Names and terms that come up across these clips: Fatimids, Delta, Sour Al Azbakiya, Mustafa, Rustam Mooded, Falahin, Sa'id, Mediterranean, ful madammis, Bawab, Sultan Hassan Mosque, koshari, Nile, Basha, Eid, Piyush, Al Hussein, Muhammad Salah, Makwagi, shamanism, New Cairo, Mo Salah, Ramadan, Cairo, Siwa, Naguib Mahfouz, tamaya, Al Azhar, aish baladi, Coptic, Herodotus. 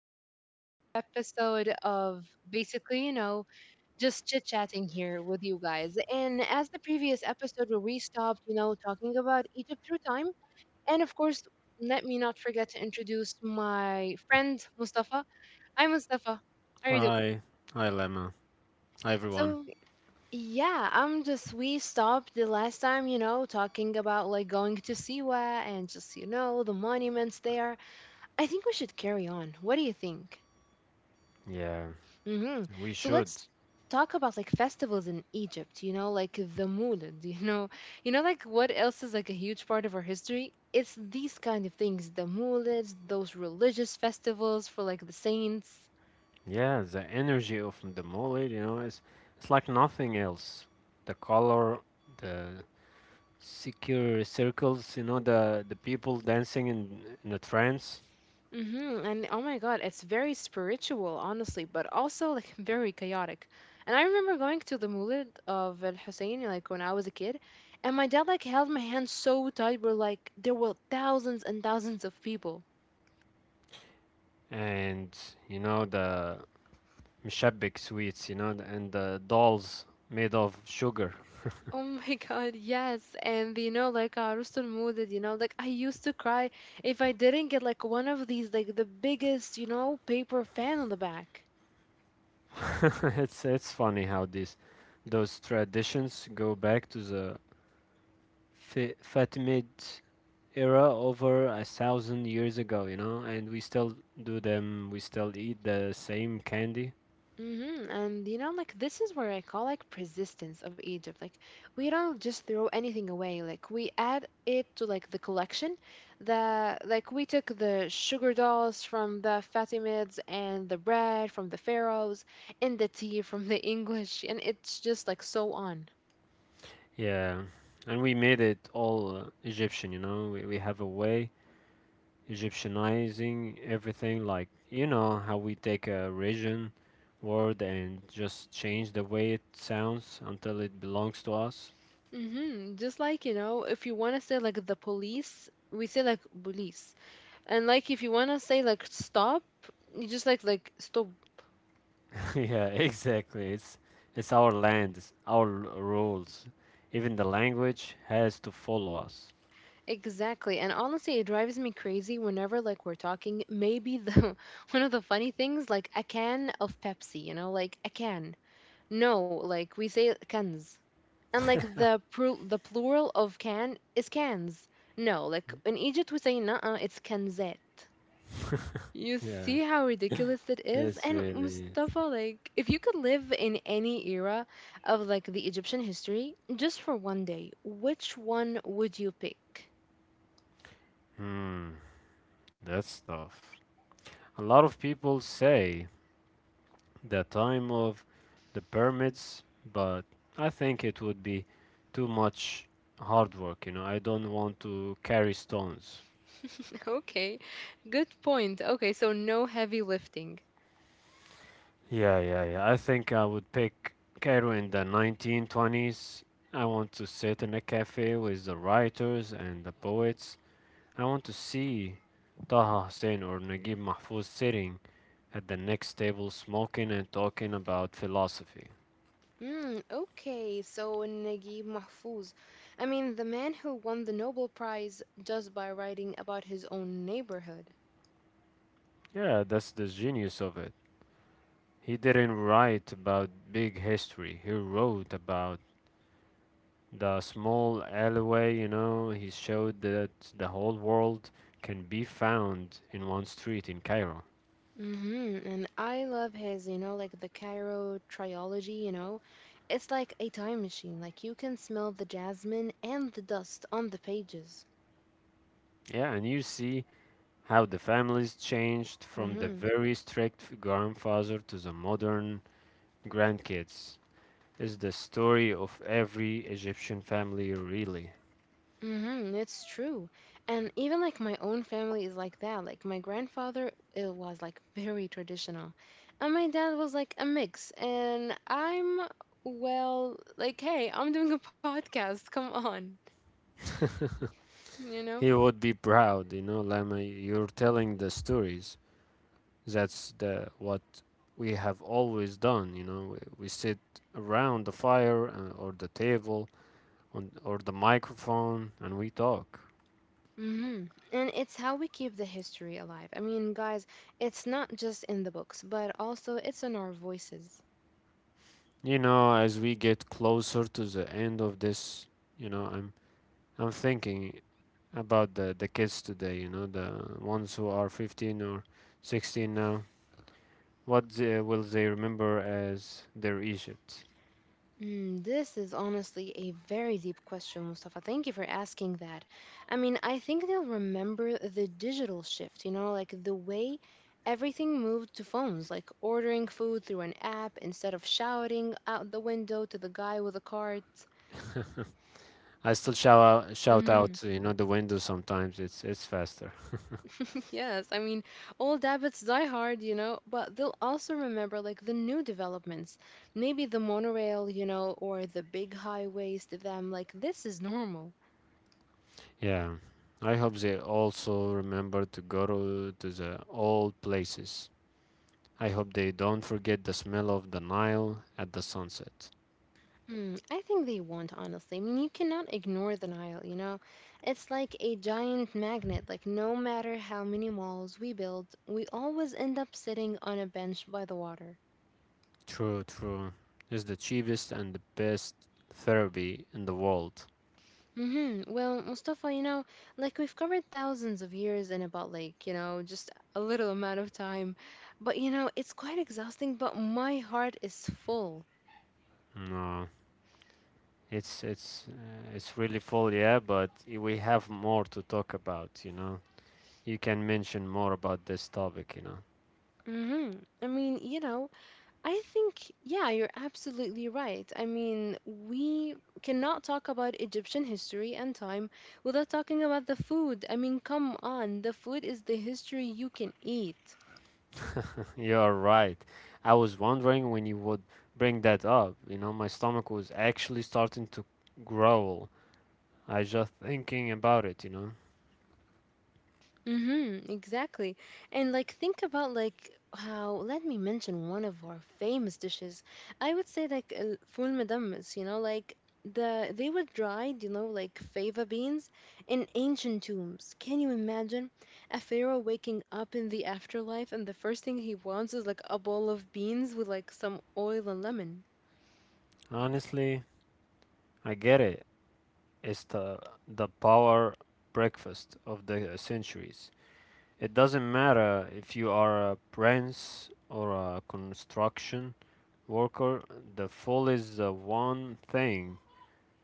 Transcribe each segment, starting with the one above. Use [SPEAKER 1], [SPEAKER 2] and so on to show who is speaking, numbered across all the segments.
[SPEAKER 1] to another episode of basically, you know, just chit chatting here with you guys. And as the previous episode where we stopped, talking about Egypt through time, and of course, let me not forget to introduce my friend Mustafa. Hi, Mustafa. How are you doing?
[SPEAKER 2] Hi, hi Lemma, hi everyone.
[SPEAKER 1] So, yeah, we stopped the last time, talking about like going to Siwa and just, the monuments there. I think we should carry on. What do you think?
[SPEAKER 2] Yeah,
[SPEAKER 1] hmm
[SPEAKER 2] we
[SPEAKER 1] So
[SPEAKER 2] should.
[SPEAKER 1] let's talk about like festivals in Egypt, you know, like the Moulid, You know like what else is like a huge part of our history? It's these kind of things, the Moulids, those religious festivals for like the saints.
[SPEAKER 2] Yeah, the energy of the mole, it's like nothing else. The color, the secure circles, the people dancing in a trance,
[SPEAKER 1] Mm-hmm. And oh my God, it's very spiritual, honestly, but also like very chaotic. And I remember going to the Moulid of Al Hussein like when I was a kid, and my dad like held my hand so tight, we're like there were thousands and thousands of people.
[SPEAKER 2] and you know the mushabik sweets, and the dolls made of sugar.
[SPEAKER 1] Oh my God, yes. And you know, like Rustam Mooded, you know, like I used to cry if I didn't get like one of these, like the biggest, you know, paper fan on the back.
[SPEAKER 2] It's funny how these those traditions go back to the Fatimid era over a thousand years ago, and we still do them. We still eat the same candy.
[SPEAKER 1] Mm-hmm. And you know, like this is where I call like persistence of Egypt. Like we don't just throw anything away. Like we add it to like the collection. The like we took the sugar dolls from the Fatimids and the bread from the pharaohs and the tea from the English, and it's just like so on.
[SPEAKER 2] Yeah, and we made it all Egyptian. We have a way Egyptianizing everything, like you know how we take a region word and just change the way it sounds until it belongs to us.
[SPEAKER 1] Mm-hmm. Just like, you know, if you want to say like the police, we say like police. And like if you want to say like stop, you just like stop.
[SPEAKER 2] yeah, exactly. It's our land, it's our rules. Even the language has to follow us.
[SPEAKER 1] Exactly. And honestly, it drives me crazy whenever like we're talking. Maybe the one of the funny things like a can of Pepsi, you know, like a can. No, like we say cans. And like the plural of can is cans. No, like in Egypt we say nah, it's kanzet. You
[SPEAKER 2] Yeah,
[SPEAKER 1] see how ridiculous it is?
[SPEAKER 2] it's
[SPEAKER 1] And
[SPEAKER 2] really.
[SPEAKER 1] Mustafa, like, if you could live in any era of like the Egyptian history just for one day, which one would you pick?
[SPEAKER 2] Hmm, that's tough. A lot of people say the time of the permits, but I think it would be too much hard work. I don't want to carry stones.
[SPEAKER 1] Okay, good point. Okay, so no heavy lifting.
[SPEAKER 2] Yeah, yeah, yeah. I think I would pick Cairo in the 1920s. I want to sit in a cafe with the writers and the poets. I want to see Taha Hussein or Naguib Mahfouz sitting at the next table smoking and talking about philosophy.
[SPEAKER 1] Hmm, okay, so Naguib Mahfouz. I mean, the man who won the Nobel Prize just by writing about his own neighborhood.
[SPEAKER 2] Yeah, that's the genius of it. He didn't write about big history. He wrote about the small alleyway. He showed that the whole world can be found in one street in Cairo.
[SPEAKER 1] And I love his, you know, like the Cairo trilogy, you know. It's like a time machine. Like you can smell the jasmine and the dust on the pages.
[SPEAKER 2] Yeah, and you see how the families changed from the
[SPEAKER 1] Mm-hmm.
[SPEAKER 2] very strict grandfather to the modern grandkids. It's the story of every Egyptian family, really.
[SPEAKER 1] Mm-hmm. It's true. And even like my own family is like that. Like my grandfather, it was like very traditional. And my dad was like a mix. Like, hey, I'm doing a podcast. Come on. You know?
[SPEAKER 2] He would be proud, Lama, you're telling the stories. That's the what we have always done. We sit around the fire or the table on, or the microphone and we talk.
[SPEAKER 1] hmm And it's how we keep the history alive. I mean, guys, it's not just in the books, but also it's in our voices.
[SPEAKER 2] As we get closer to the end of this, you know, I'm I'm thinking about the kids today, the ones who are 15 or 16 now. Will they remember as their Egypt?
[SPEAKER 1] Mm, this is honestly a very deep question, Mustafa. Thank you for asking that. I mean, I think they'll remember the digital shift, you know, like the way everything moved to phones, like ordering food through an app instead of shouting out the window to the guy with a cart.
[SPEAKER 2] I still shout out, shout
[SPEAKER 1] hmm
[SPEAKER 2] out, the window sometimes. It's faster.
[SPEAKER 1] Yes, I mean, old habits die hard, you know, but they'll also remember like the new developments. Maybe the monorail, you know, or the big highways to them, like this is normal.
[SPEAKER 2] Yeah. I hope they also remember to go to the old places. I hope they don't forget the smell of the Nile at the sunset.
[SPEAKER 1] Hmm, I think they want, honestly. I mean, you cannot ignore the Nile, you know? It's like a giant magnet. Like, no matter how many malls we build, we always end up sitting on a bench by the water.
[SPEAKER 2] True, true. It's the cheapest and the best therapy in the world.
[SPEAKER 1] Mm-hmm. Well, Mustafa, you know, like we've covered thousands of years in about like, you know, just a little amount of time. But, you know, it's quite exhausting, but my heart is full.
[SPEAKER 2] No, it's really full, yeah, but we have more to talk about, you know. You can mention more about this topic.
[SPEAKER 1] Mm-hmm. I mean, you know, I think, yeah, you're absolutely right. I mean, we cannot talk about Egyptian history and time without talking about the food. I mean, come on, the food is the history you can eat.
[SPEAKER 2] You're right. I was wondering when you would bring that up. My stomach was actually starting to growl. I just thinking about it.
[SPEAKER 1] Mm-hmm, exactly. And like think about like how let me mention one of our famous dishes. I would say like ful madammis, you know, like the they were dried, you know, like fava beans in ancient tombs. Can you imagine a pharaoh waking up in the afterlife and the first thing he wants is like a bowl of beans with like some oil and lemon?
[SPEAKER 2] Honestly, I get it. It's the power breakfast of the centuries. It doesn't matter if you are a prince or a construction worker, the fall is the one thing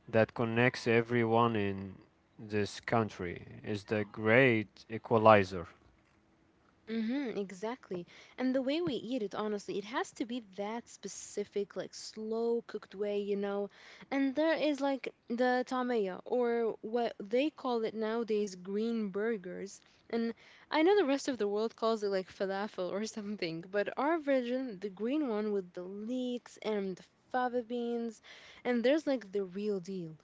[SPEAKER 2] that connects everyone in this country. It's the great equalizer.
[SPEAKER 1] Mm-hmm, exactly. And the way we eat it, honestly, it has to be that specific, like slow cooked way, you know. And there is like the tamaya, or what they call it nowadays, green burgers. And I know the rest of the world calls it like falafel or something, but our version, the green one with the leeks and the fava beans, and there's like the real deal.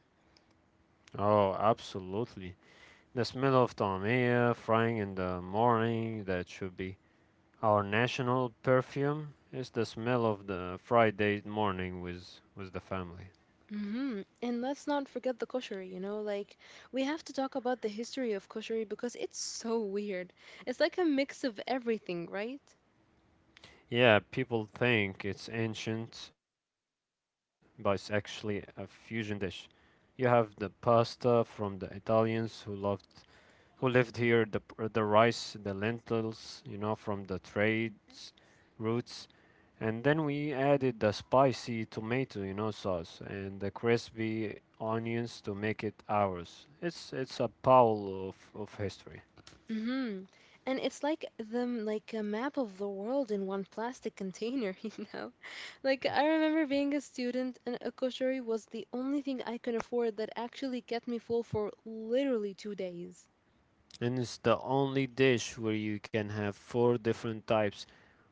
[SPEAKER 2] Oh, absolutely. The smell of tomia frying in the morning, that should be our national perfume. It's the smell of the Friday morning with the family.
[SPEAKER 1] Mm-hmm. And let's not forget the koshari, you know, like we have to talk about the history of koshari because it's so weird. It's like a mix of everything, right?
[SPEAKER 2] Yeah, people think it's ancient, but it's actually a fusion dish. You have the pasta from the Italians who lived here, the rice, the lentils, from the trades routes, and then we added the spicy tomato sauce and the crispy onions to make it ours. It's a pile of history,
[SPEAKER 1] Mm-hmm. And it's like them like a map of the world in one plastic container, you know? Like I remember being a student and a koshari was the only thing I can afford that actually kept me full for literally 2 days.
[SPEAKER 2] and it's the only dish where you can have four different types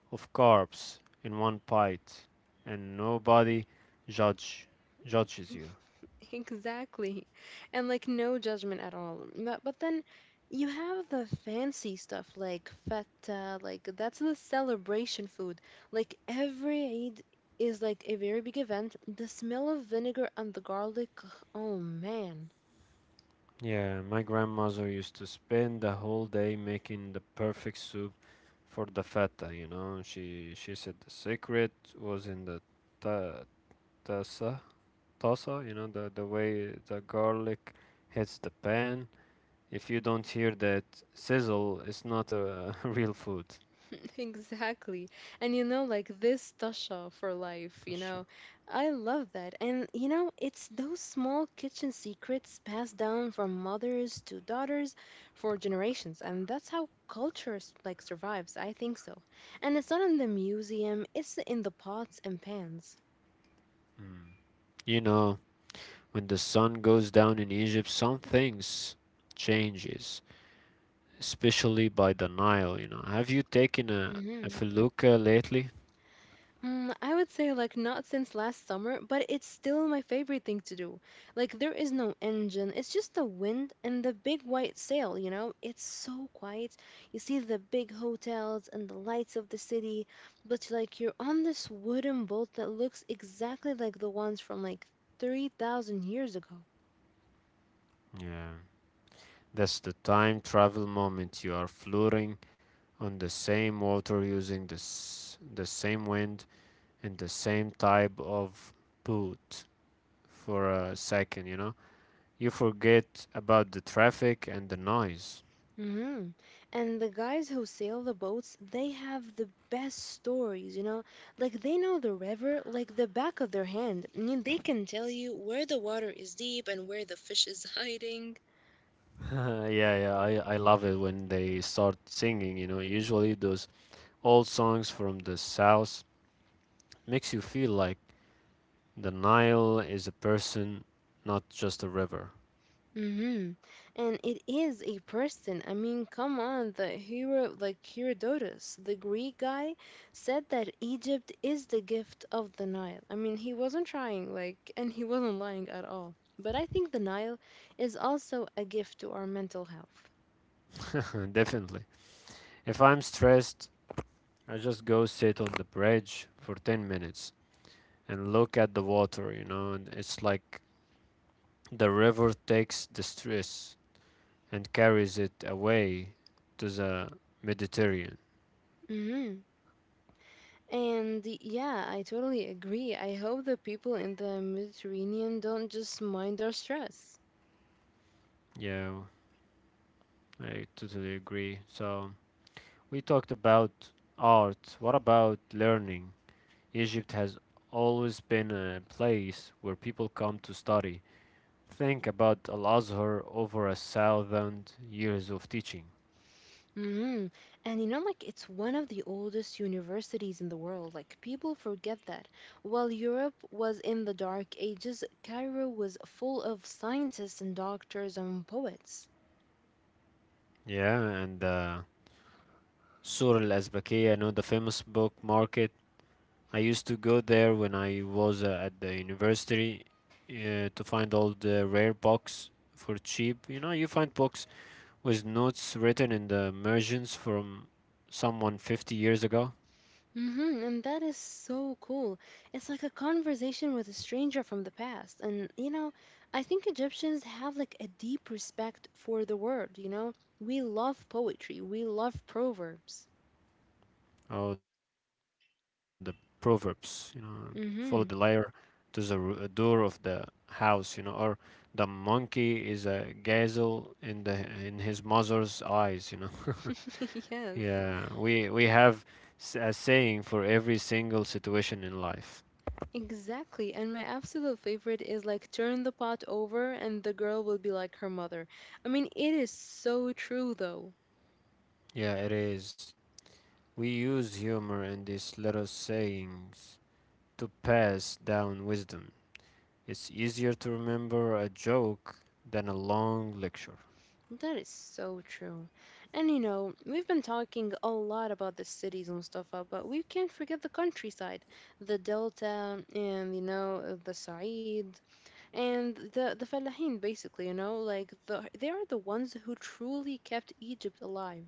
[SPEAKER 2] of carbs in one bite, and nobody judge judges you.
[SPEAKER 1] Exactly. And like no judgment at all. But then you have the fancy stuff like feta, like that's the celebration food. Like every Eid is like a very big event. The smell of vinegar and the garlic, oh man.
[SPEAKER 2] Yeah, my grandmother used to spend the whole day making the perfect soup for the feta. She said the secret was in the ta tasa, tasa, the way the garlic hits the pan. If you don't hear that sizzle, it's not a real food.
[SPEAKER 1] Exactly. And you know, like this Tasha for life, you
[SPEAKER 2] That's true.
[SPEAKER 1] know, I love that. And you know, it's those small kitchen secrets passed down from mothers to daughters for generations. And that's how culture like survives. I think so. And it's not in the museum, it's in the pots and pans.
[SPEAKER 2] Mm. You know, when the sun goes down in Egypt, some things changes. Especially by the Nile. Have you taken a
[SPEAKER 1] Mm-hmm.
[SPEAKER 2] felucca lately?
[SPEAKER 1] Mm, I would say like not since last summer, but it's still my favorite thing to do. Like there is no engine. It's just the wind and the big white sail, you know? It's so quiet. You see the big hotels and the lights of the city, but like you're on this wooden boat that looks exactly like the ones from like 3,000 years ago.
[SPEAKER 2] Yeah. That's the time travel moment. You are floating on the same water using the same wind and the same type of boat for a second, you know. You forget about the traffic and the noise.
[SPEAKER 1] hmm And the guys who sail the boats, they have the best stories, you know? Like they know the river like the back of their hand. I mean, they can tell you where the water is deep and where the fish is hiding.
[SPEAKER 2] yeah, yeah, I love it when they start singing, Usually those old songs from the South makes you feel like the Nile is a person, not just a river.
[SPEAKER 1] Mm-hmm. And it is a person. I mean, come on, the hero, like Herodotus, the Greek guy, said that Egypt is the gift of the Nile. I mean, he wasn't trying, like, and he wasn't lying at all. But I think the Nile is also a gift to our mental health.
[SPEAKER 2] Definitely. If I'm stressed, I just go sit on the bridge for 10 minutes and look at the water, and it's like the river takes the stress and carries it away to the Mediterranean.
[SPEAKER 1] Mm-hmm. And yeah, I totally agree. I hope the people in the Mediterranean don't just mind our stress.
[SPEAKER 2] Yeah, I totally agree. So, we talked about art. What about learning? Egypt has always been a place where people come to study. Think about Al Azhar over a thousand years of teaching.
[SPEAKER 1] hmm And you know, like it's one of the oldest universities in the world. Like people forget that. While Europe was in the Dark Ages, Cairo was full of scientists and doctors and poets.
[SPEAKER 2] Yeah, and Sur Al Azbakiya, I know the famous book market. I used to go there when I was at the university to find all the rare books for cheap. You find books with notes written in the margins from someone 50 years ago.
[SPEAKER 1] And that is so cool. It's like a conversation with a stranger from the past. And you know, I think Egyptians have like a deep respect for the word, you know? We love poetry, we love proverbs.
[SPEAKER 2] Oh, the proverbs, follow the liar
[SPEAKER 1] hmm
[SPEAKER 2] to the door of the house, or the monkey is a gazelle in his mother's eyes.
[SPEAKER 1] yes.
[SPEAKER 2] Yeah, we have a saying for every single situation in life.
[SPEAKER 1] Exactly. And my absolute favorite is like turn the pot over and the girl will be like her mother. I mean, it is so true though.
[SPEAKER 2] Yeah, it is. We use humor and these little sayings to pass down wisdom. It's easier to remember a joke than a long lecture.
[SPEAKER 1] That is so true. And you know, we've been talking a lot about the cities, Mustafa, but we can't forget the countryside, the delta and you know, the Sa'id and the Falahin basically, you know, like the they are the ones who truly kept Egypt alive.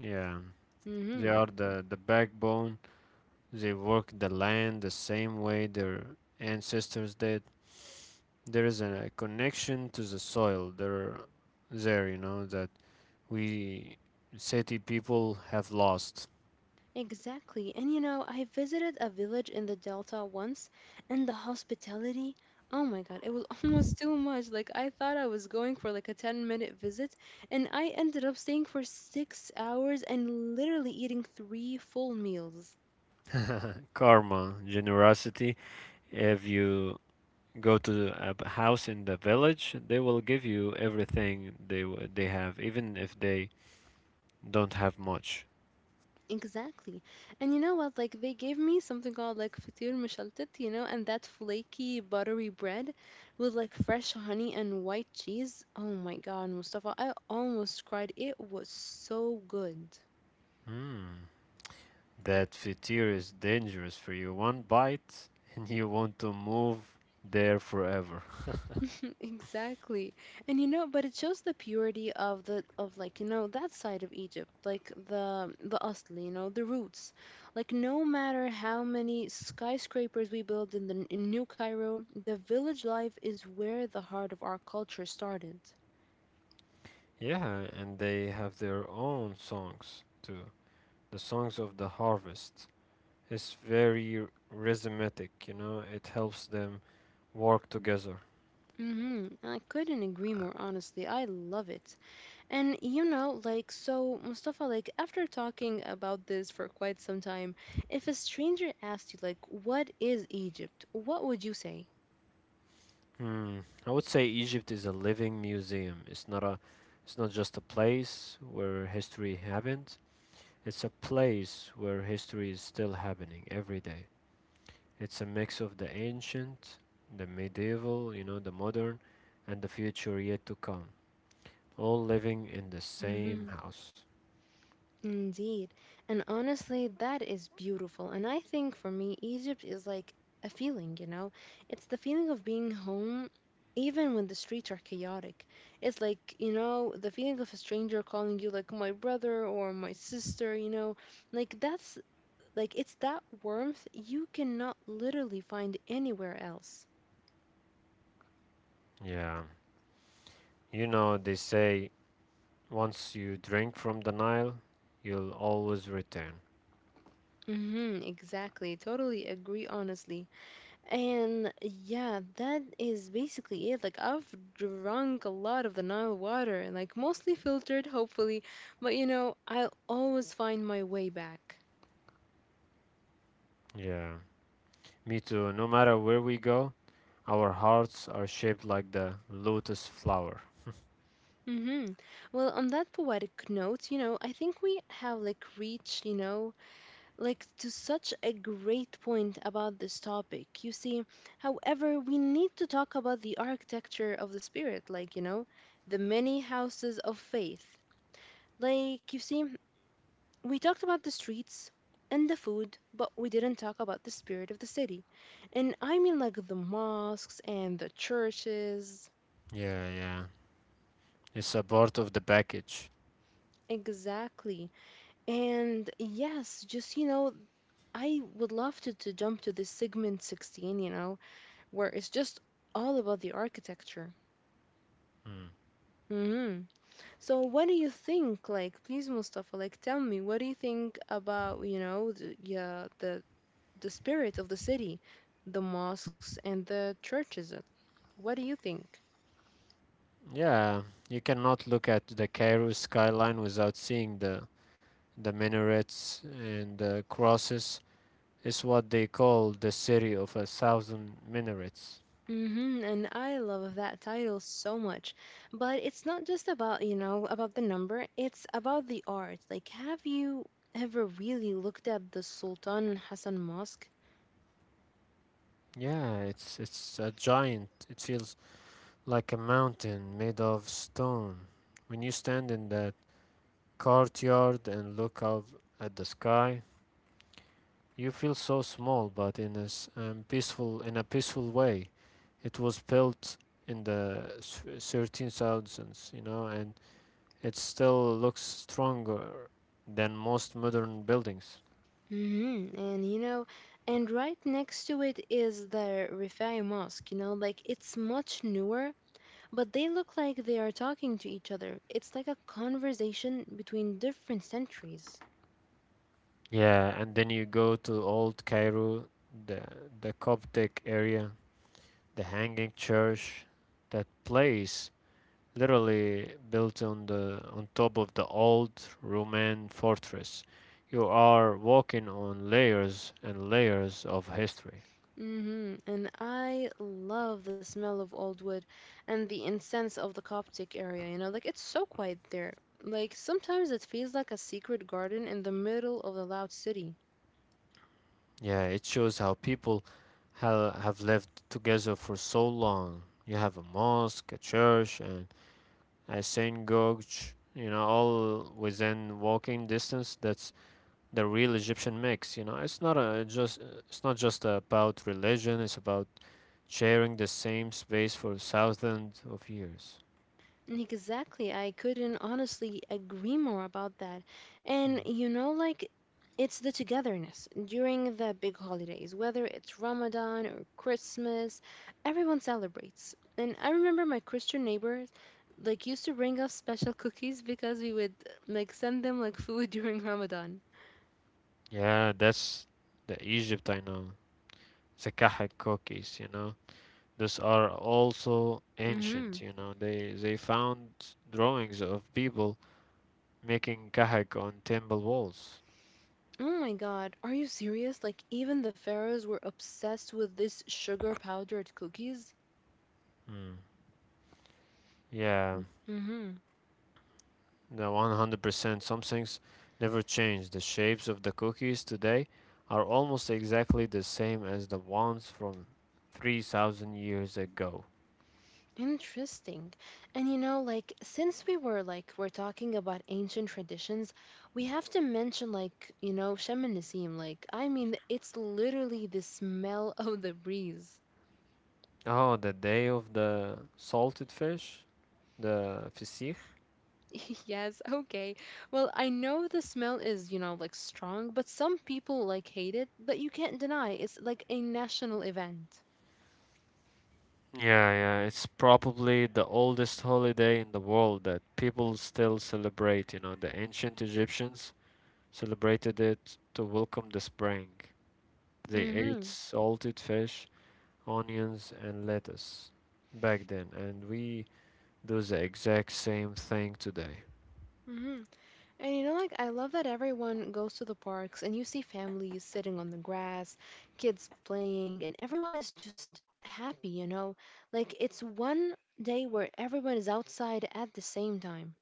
[SPEAKER 2] Yeah. They
[SPEAKER 1] Mhm.
[SPEAKER 2] are the backbone. They work the land the same way their ancestors did. There is a connection to the soil there, that we city people have lost.
[SPEAKER 1] Exactly. And you know, I visited a village in the Delta once, and the hospitality, oh my God, it was almost too much. Like, I thought I was going for like a 10-minute visit, and I ended up staying for 6 hours and literally eating 3 full meals.
[SPEAKER 2] Karma, generosity. If you go to a house in the village, they will give you everything they have, even if they don't have much.
[SPEAKER 1] Exactly. And you know what? Like, they gave me something called like فطير مشلتت, you know, and that flaky, buttery bread with like fresh honey and white cheese. Oh my God, Mustafa, I almost cried. It was so good.
[SPEAKER 2] Hmm. That fatir is dangerous for you. One bite and you want to move there forever.
[SPEAKER 1] Exactly. And you know, but it shows the purity of the of like, you know, that side of Egypt, like the asli, you know, the roots. Like no matter how many skyscrapers we build in the in New Cairo, the village life is where the heart of our culture started.
[SPEAKER 2] yeah, and they have their own songs too. The songs of the harvest is very rhythmic, it helps them work together.
[SPEAKER 1] Mm-hmm. I couldn't agree more, honestly. I love it. And so Mustafa, after talking about this for quite some time, if a stranger asked you, what is Egypt, what would you say?
[SPEAKER 2] Hmm. I would say Egypt is a living museum. It's not just a place where history happened. It's a place where history is still happening every day. It's a mix of the ancient, the medieval, the modern, and the future yet to come, all living in the same
[SPEAKER 1] Hmm
[SPEAKER 2] house.
[SPEAKER 1] Indeed. And honestly, that is beautiful. And I think for me, Egypt is like a feeling, you know? It's the feeling of being home, even when the streets are chaotic. It's the feeling of a stranger calling you like my brother or my sister, you know? Like, that's it's that warmth you cannot literally find anywhere else.
[SPEAKER 2] Yeah. They say once you drink from the Nile, you'll always return.
[SPEAKER 1] Mm-hmm, exactly. Totally agree, honestly. And yeah, that is basically it. Like I've drunk a lot of the Nile water and like mostly filtered, hopefully, but you know, I'll always find my way back.
[SPEAKER 2] Yeah. Me too. No matter where we go, our hearts are shaped like the lotus flower.
[SPEAKER 1] Mm-hmm. Well, on that poetic note, I think we have like reached to such a great point about this topic. You see, however, we need to talk about the architecture of the spirit, the many houses of faith. Like, you see, we talked about the streets and the food, but we didn't talk about the spirit of the city. And I mean, like the mosques and the churches.
[SPEAKER 2] Yeah, yeah. It's a part of the package.
[SPEAKER 1] Exactly. And yes, I would love to jump to this segment 16, you know, where it's just all about the architecture.
[SPEAKER 2] Mm.
[SPEAKER 1] Hmm So, what do you think? Please, Mustafa, tell me, what do you think about the spirit of the city, the mosques and the churches. What do you think?
[SPEAKER 2] Yeah, you cannot look at the Cairo skyline without seeing the minarets and the crosses. Is what they call the city of a thousand minarets.
[SPEAKER 1] Mm-hmm, and I love that title so much. But it's not just about the number, it's about the art. Like, have you ever really looked at the Sultan Hassan Mosque?
[SPEAKER 2] Yeah, it's a giant. It feels like a mountain made of stone. When you stand in that courtyard and look out at the sky, you feel so small, but in a peaceful way. It was built in the 13th, and it still looks stronger than most modern buildings.
[SPEAKER 1] Mm-hmm, and you know, and right next to it is the Rifai Mosque, you know, like it's much newer, but they look like they are talking to each other. It's like a conversation between different centuries.
[SPEAKER 2] Yeah, and then you go to Old Cairo, the the Coptic area, the Hanging Church, that place literally built on top of the old Roman fortress. You are walking on layers and layers of history.
[SPEAKER 1] Hmm And I love the smell of old wood and the incense of the Coptic area, you know, like it's so quiet there. Like sometimes it feels like a secret garden in the middle of a loud city.
[SPEAKER 2] Yeah, it shows how people have lived together for so long. You have a mosque, a church, and synagogue, all within walking distance. That's the real Egyptian mix. It's not just about religion. It's about sharing the same space for thousands of years.
[SPEAKER 1] Exactly. I couldn't honestly agree more about that. And it's the togetherness during the big holidays, whether it's Ramadan or Christmas, everyone celebrates. And I remember my Christian neighbors like used to bring us special cookies because we would like send them like food during Ramadan.
[SPEAKER 2] Yeah, that's the Egypt I know. Zakahak cookies. These are also
[SPEAKER 1] Mm-hmm.
[SPEAKER 2] ancient. They found drawings of people making kahak on temple walls.
[SPEAKER 1] Oh my God, are you serious? Like even the pharaohs were obsessed with this sugar powdered cookies?
[SPEAKER 2] Mm. Yeah,
[SPEAKER 1] Mm-hmm.
[SPEAKER 2] yeah, 100%. Some things never change. The shapes of the cookies today are almost exactly the same as the ones from 3,000 years ago.
[SPEAKER 1] Interesting. And you know, like, since we were like, we're talking about ancient traditions, we have to mention, shamanism. Like, I mean, it's literally the smell of the breeze.
[SPEAKER 2] Oh, the day of the salted fish, the fisich.
[SPEAKER 1] Yes, okay. Well, I know the smell is, you know, like strong, but some people like hate it, but you can't deny it's like a national event.
[SPEAKER 2] Yeah, yeah, it's probably the oldest holiday in the world that people still celebrate. The ancient Egyptians celebrated it to welcome the spring. They ate
[SPEAKER 1] Mm-hmm.
[SPEAKER 2] salted fish onions and lettuce back then and we do the exact same thing today.
[SPEAKER 1] Mm-hmm. And I love that everyone goes to the parks and you see families sitting on the grass, kids playing, and everyone is just happy, you know? Like, it's one day where everyone is outside at the same time.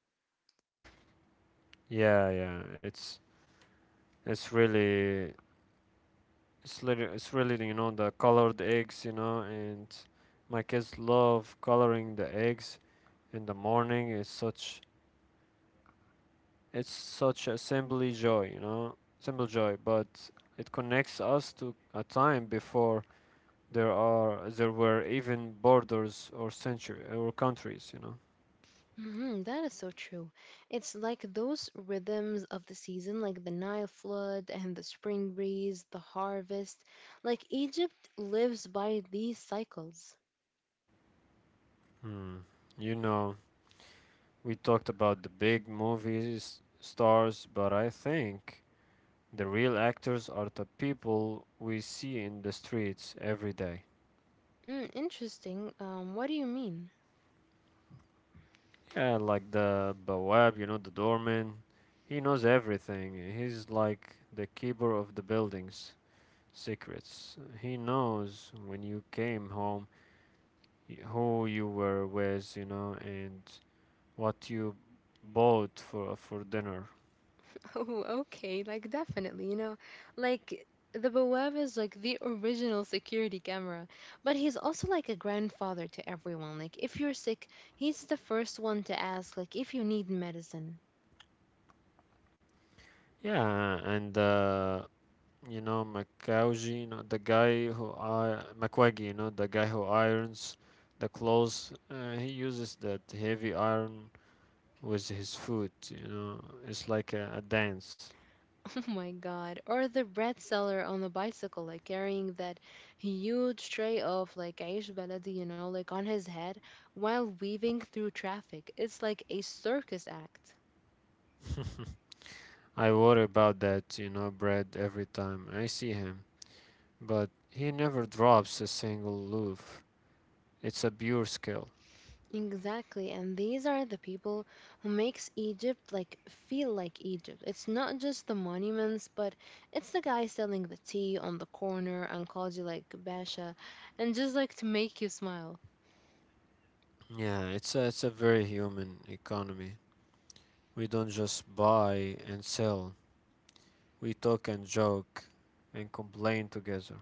[SPEAKER 2] Yeah, yeah, it's really it's really the colored eggs and my kids love coloring the eggs in the morning. It's such a simply joy you know simple joy, but it connects us to a time before there were even borders or century or countries.
[SPEAKER 1] Mhm, that is so true. It's like those rhythms of the season, like the Nile flood and the spring breeze, the harvest. Like, Egypt lives by these cycles.
[SPEAKER 2] Hmm. you know We talked about the big movie stars, but I think the real actors are the people we see in the streets every day.
[SPEAKER 1] Mm, interesting. What do you mean?
[SPEAKER 2] Yeah, like the Bawab, the doorman. He knows everything. He's like the keeper of the building's secrets. He knows when you came home, who you were with, and what you bought for dinner.
[SPEAKER 1] Oh, okay. Definitely, like the Bawab is like the original security camera, but he's also like a grandfather to everyone. Like, if you're sick, he's the first one to ask, if you need medicine.
[SPEAKER 2] Yeah, and Makauji, you know, the guy who I Makwagi, the guy who irons the clothes, he uses that heavy iron with his foot. It's like a dance.
[SPEAKER 1] Oh my God. Or the bread seller on the bicycle, like carrying that huge tray of like aish baladi, you know, like on his head while weaving through traffic. It's like a circus act.
[SPEAKER 2] I worry about that, Brad every time I see him, but he never drops a single loaf. It's a pure skill.
[SPEAKER 1] Exactly, and these are the people who makes Egypt like feel like Egypt. It's not just the monuments, but it's the guy selling the tea on the corner and calls you like Basha, and just like to make you smile.
[SPEAKER 2] Yeah, it's a very human economy. We don't just buy and sell. We talk and joke and complain together.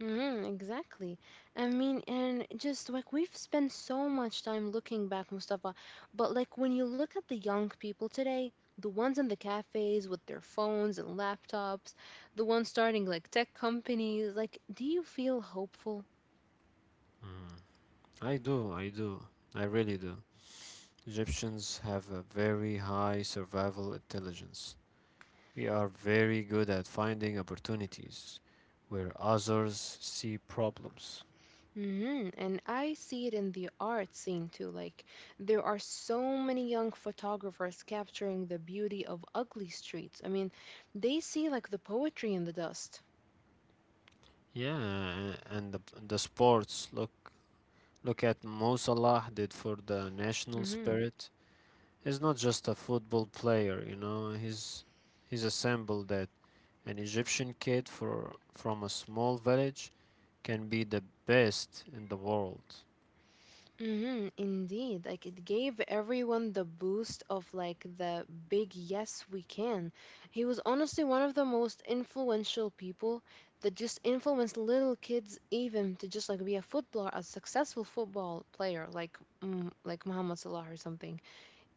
[SPEAKER 1] Hmm exactly. I mean, and just like we've spent so much time looking back, Mustafa, but like when you look at the young people today, the ones in the cafes with their phones and laptops, the ones starting like tech companies, like, do you feel hopeful?
[SPEAKER 2] Mm. I do, I do. I really do. Egyptians have a very high survival intelligence. We are very good at finding opportunities where others see problems.
[SPEAKER 1] Hmm And I see it in the art scene too. Like, there are so many young photographers capturing the beauty of ugly streets. I mean, they see like the poetry in the dust.
[SPEAKER 2] Yeah, and the sports look at Mo Salah did for the national
[SPEAKER 1] Hmm
[SPEAKER 2] spirit. He's not just a football player. He's a symbol that an Egyptian kid for from a small village can be the best in the world.
[SPEAKER 1] hmm Indeed. Like, it gave everyone the boost of like the big yes, we can. He was honestly one of the most influential people that just influenced little kids even to just like be a footballer, a successful football player like like Muhammad Salah or something.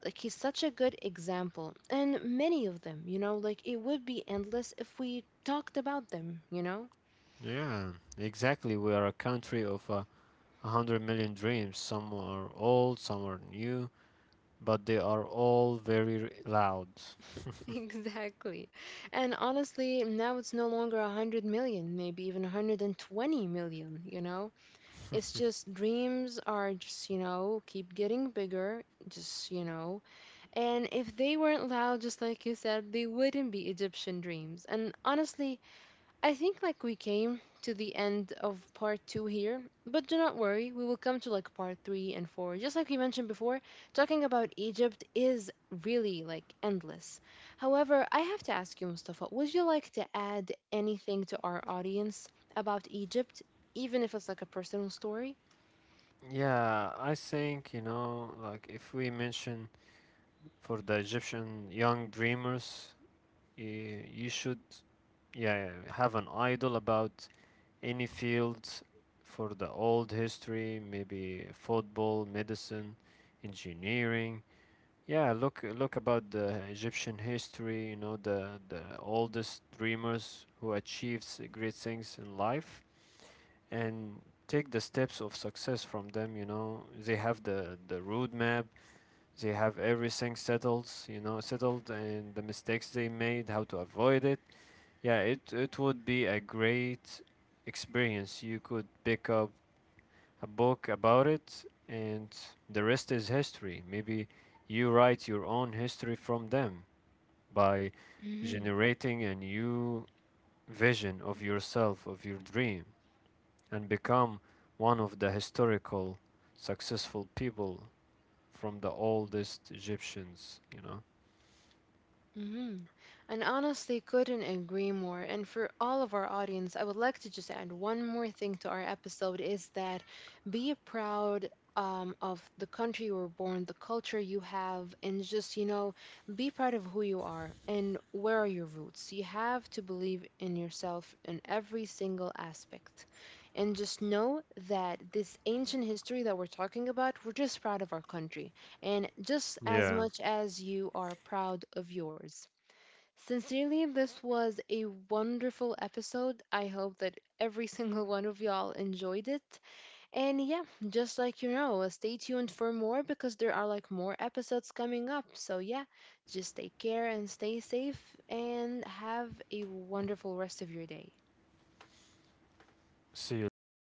[SPEAKER 1] Like he's such a good example, and many of them, you know, like it would be endless if we talked about them, you know?
[SPEAKER 2] Yeah, exactly. We are a country of 100 million dreams. Some are old, some are new, but they are all very loud.
[SPEAKER 1] Exactly. And honestly, now it's no longer 100 million, maybe even 120 million, you know? It's just dreams are keep getting bigger, just, you know. And if they weren't loud, just like you said, they wouldn't be Egyptian dreams. And honestly, I think like we came to the end of part two here, but do not worry, we will come to like part three and four. Just like we mentioned before, talking about Egypt is really like endless. However, I have to ask you, Mustafa, would you like to add anything to our audience about Egypt, even if it's like a personal story?
[SPEAKER 2] Yeah, I think, like if we mention for the Egyptian young dreamers, you should, yeah, have an idol about any field for the old history, maybe football, medicine, engineering. Yeah, look about the Egyptian history, the oldest dreamers who achieved great things in life and take the steps of success from them. They have the road map, they have everything settled and the mistakes they made, how to avoid it. Yeah, it would be a great experience you could pick up a book about it, and the rest is history. Maybe you write your own history from them by generating a new vision of yourself, of your dream, and become one of the historical successful people from the oldest Egyptians.
[SPEAKER 1] Mhm. And honestly, couldn't agree more. And for all of our audience, I would like to just add one more thing to our episode is that be proud of the country you were born, the culture you have, and be proud of who you are and where are your roots. You have to believe in yourself in every single aspect. And just know that this ancient history that we're talking about, we're just proud of our country and just as
[SPEAKER 2] Yeah.
[SPEAKER 1] much as you are proud of yours. Sincerely, this was a wonderful episode. I hope that every single one of y'all enjoyed it. And yeah, just like you know, stay tuned for more because there are like more episodes coming up. So yeah, just take care and stay safe and have a wonderful rest of your day.
[SPEAKER 2] See you later.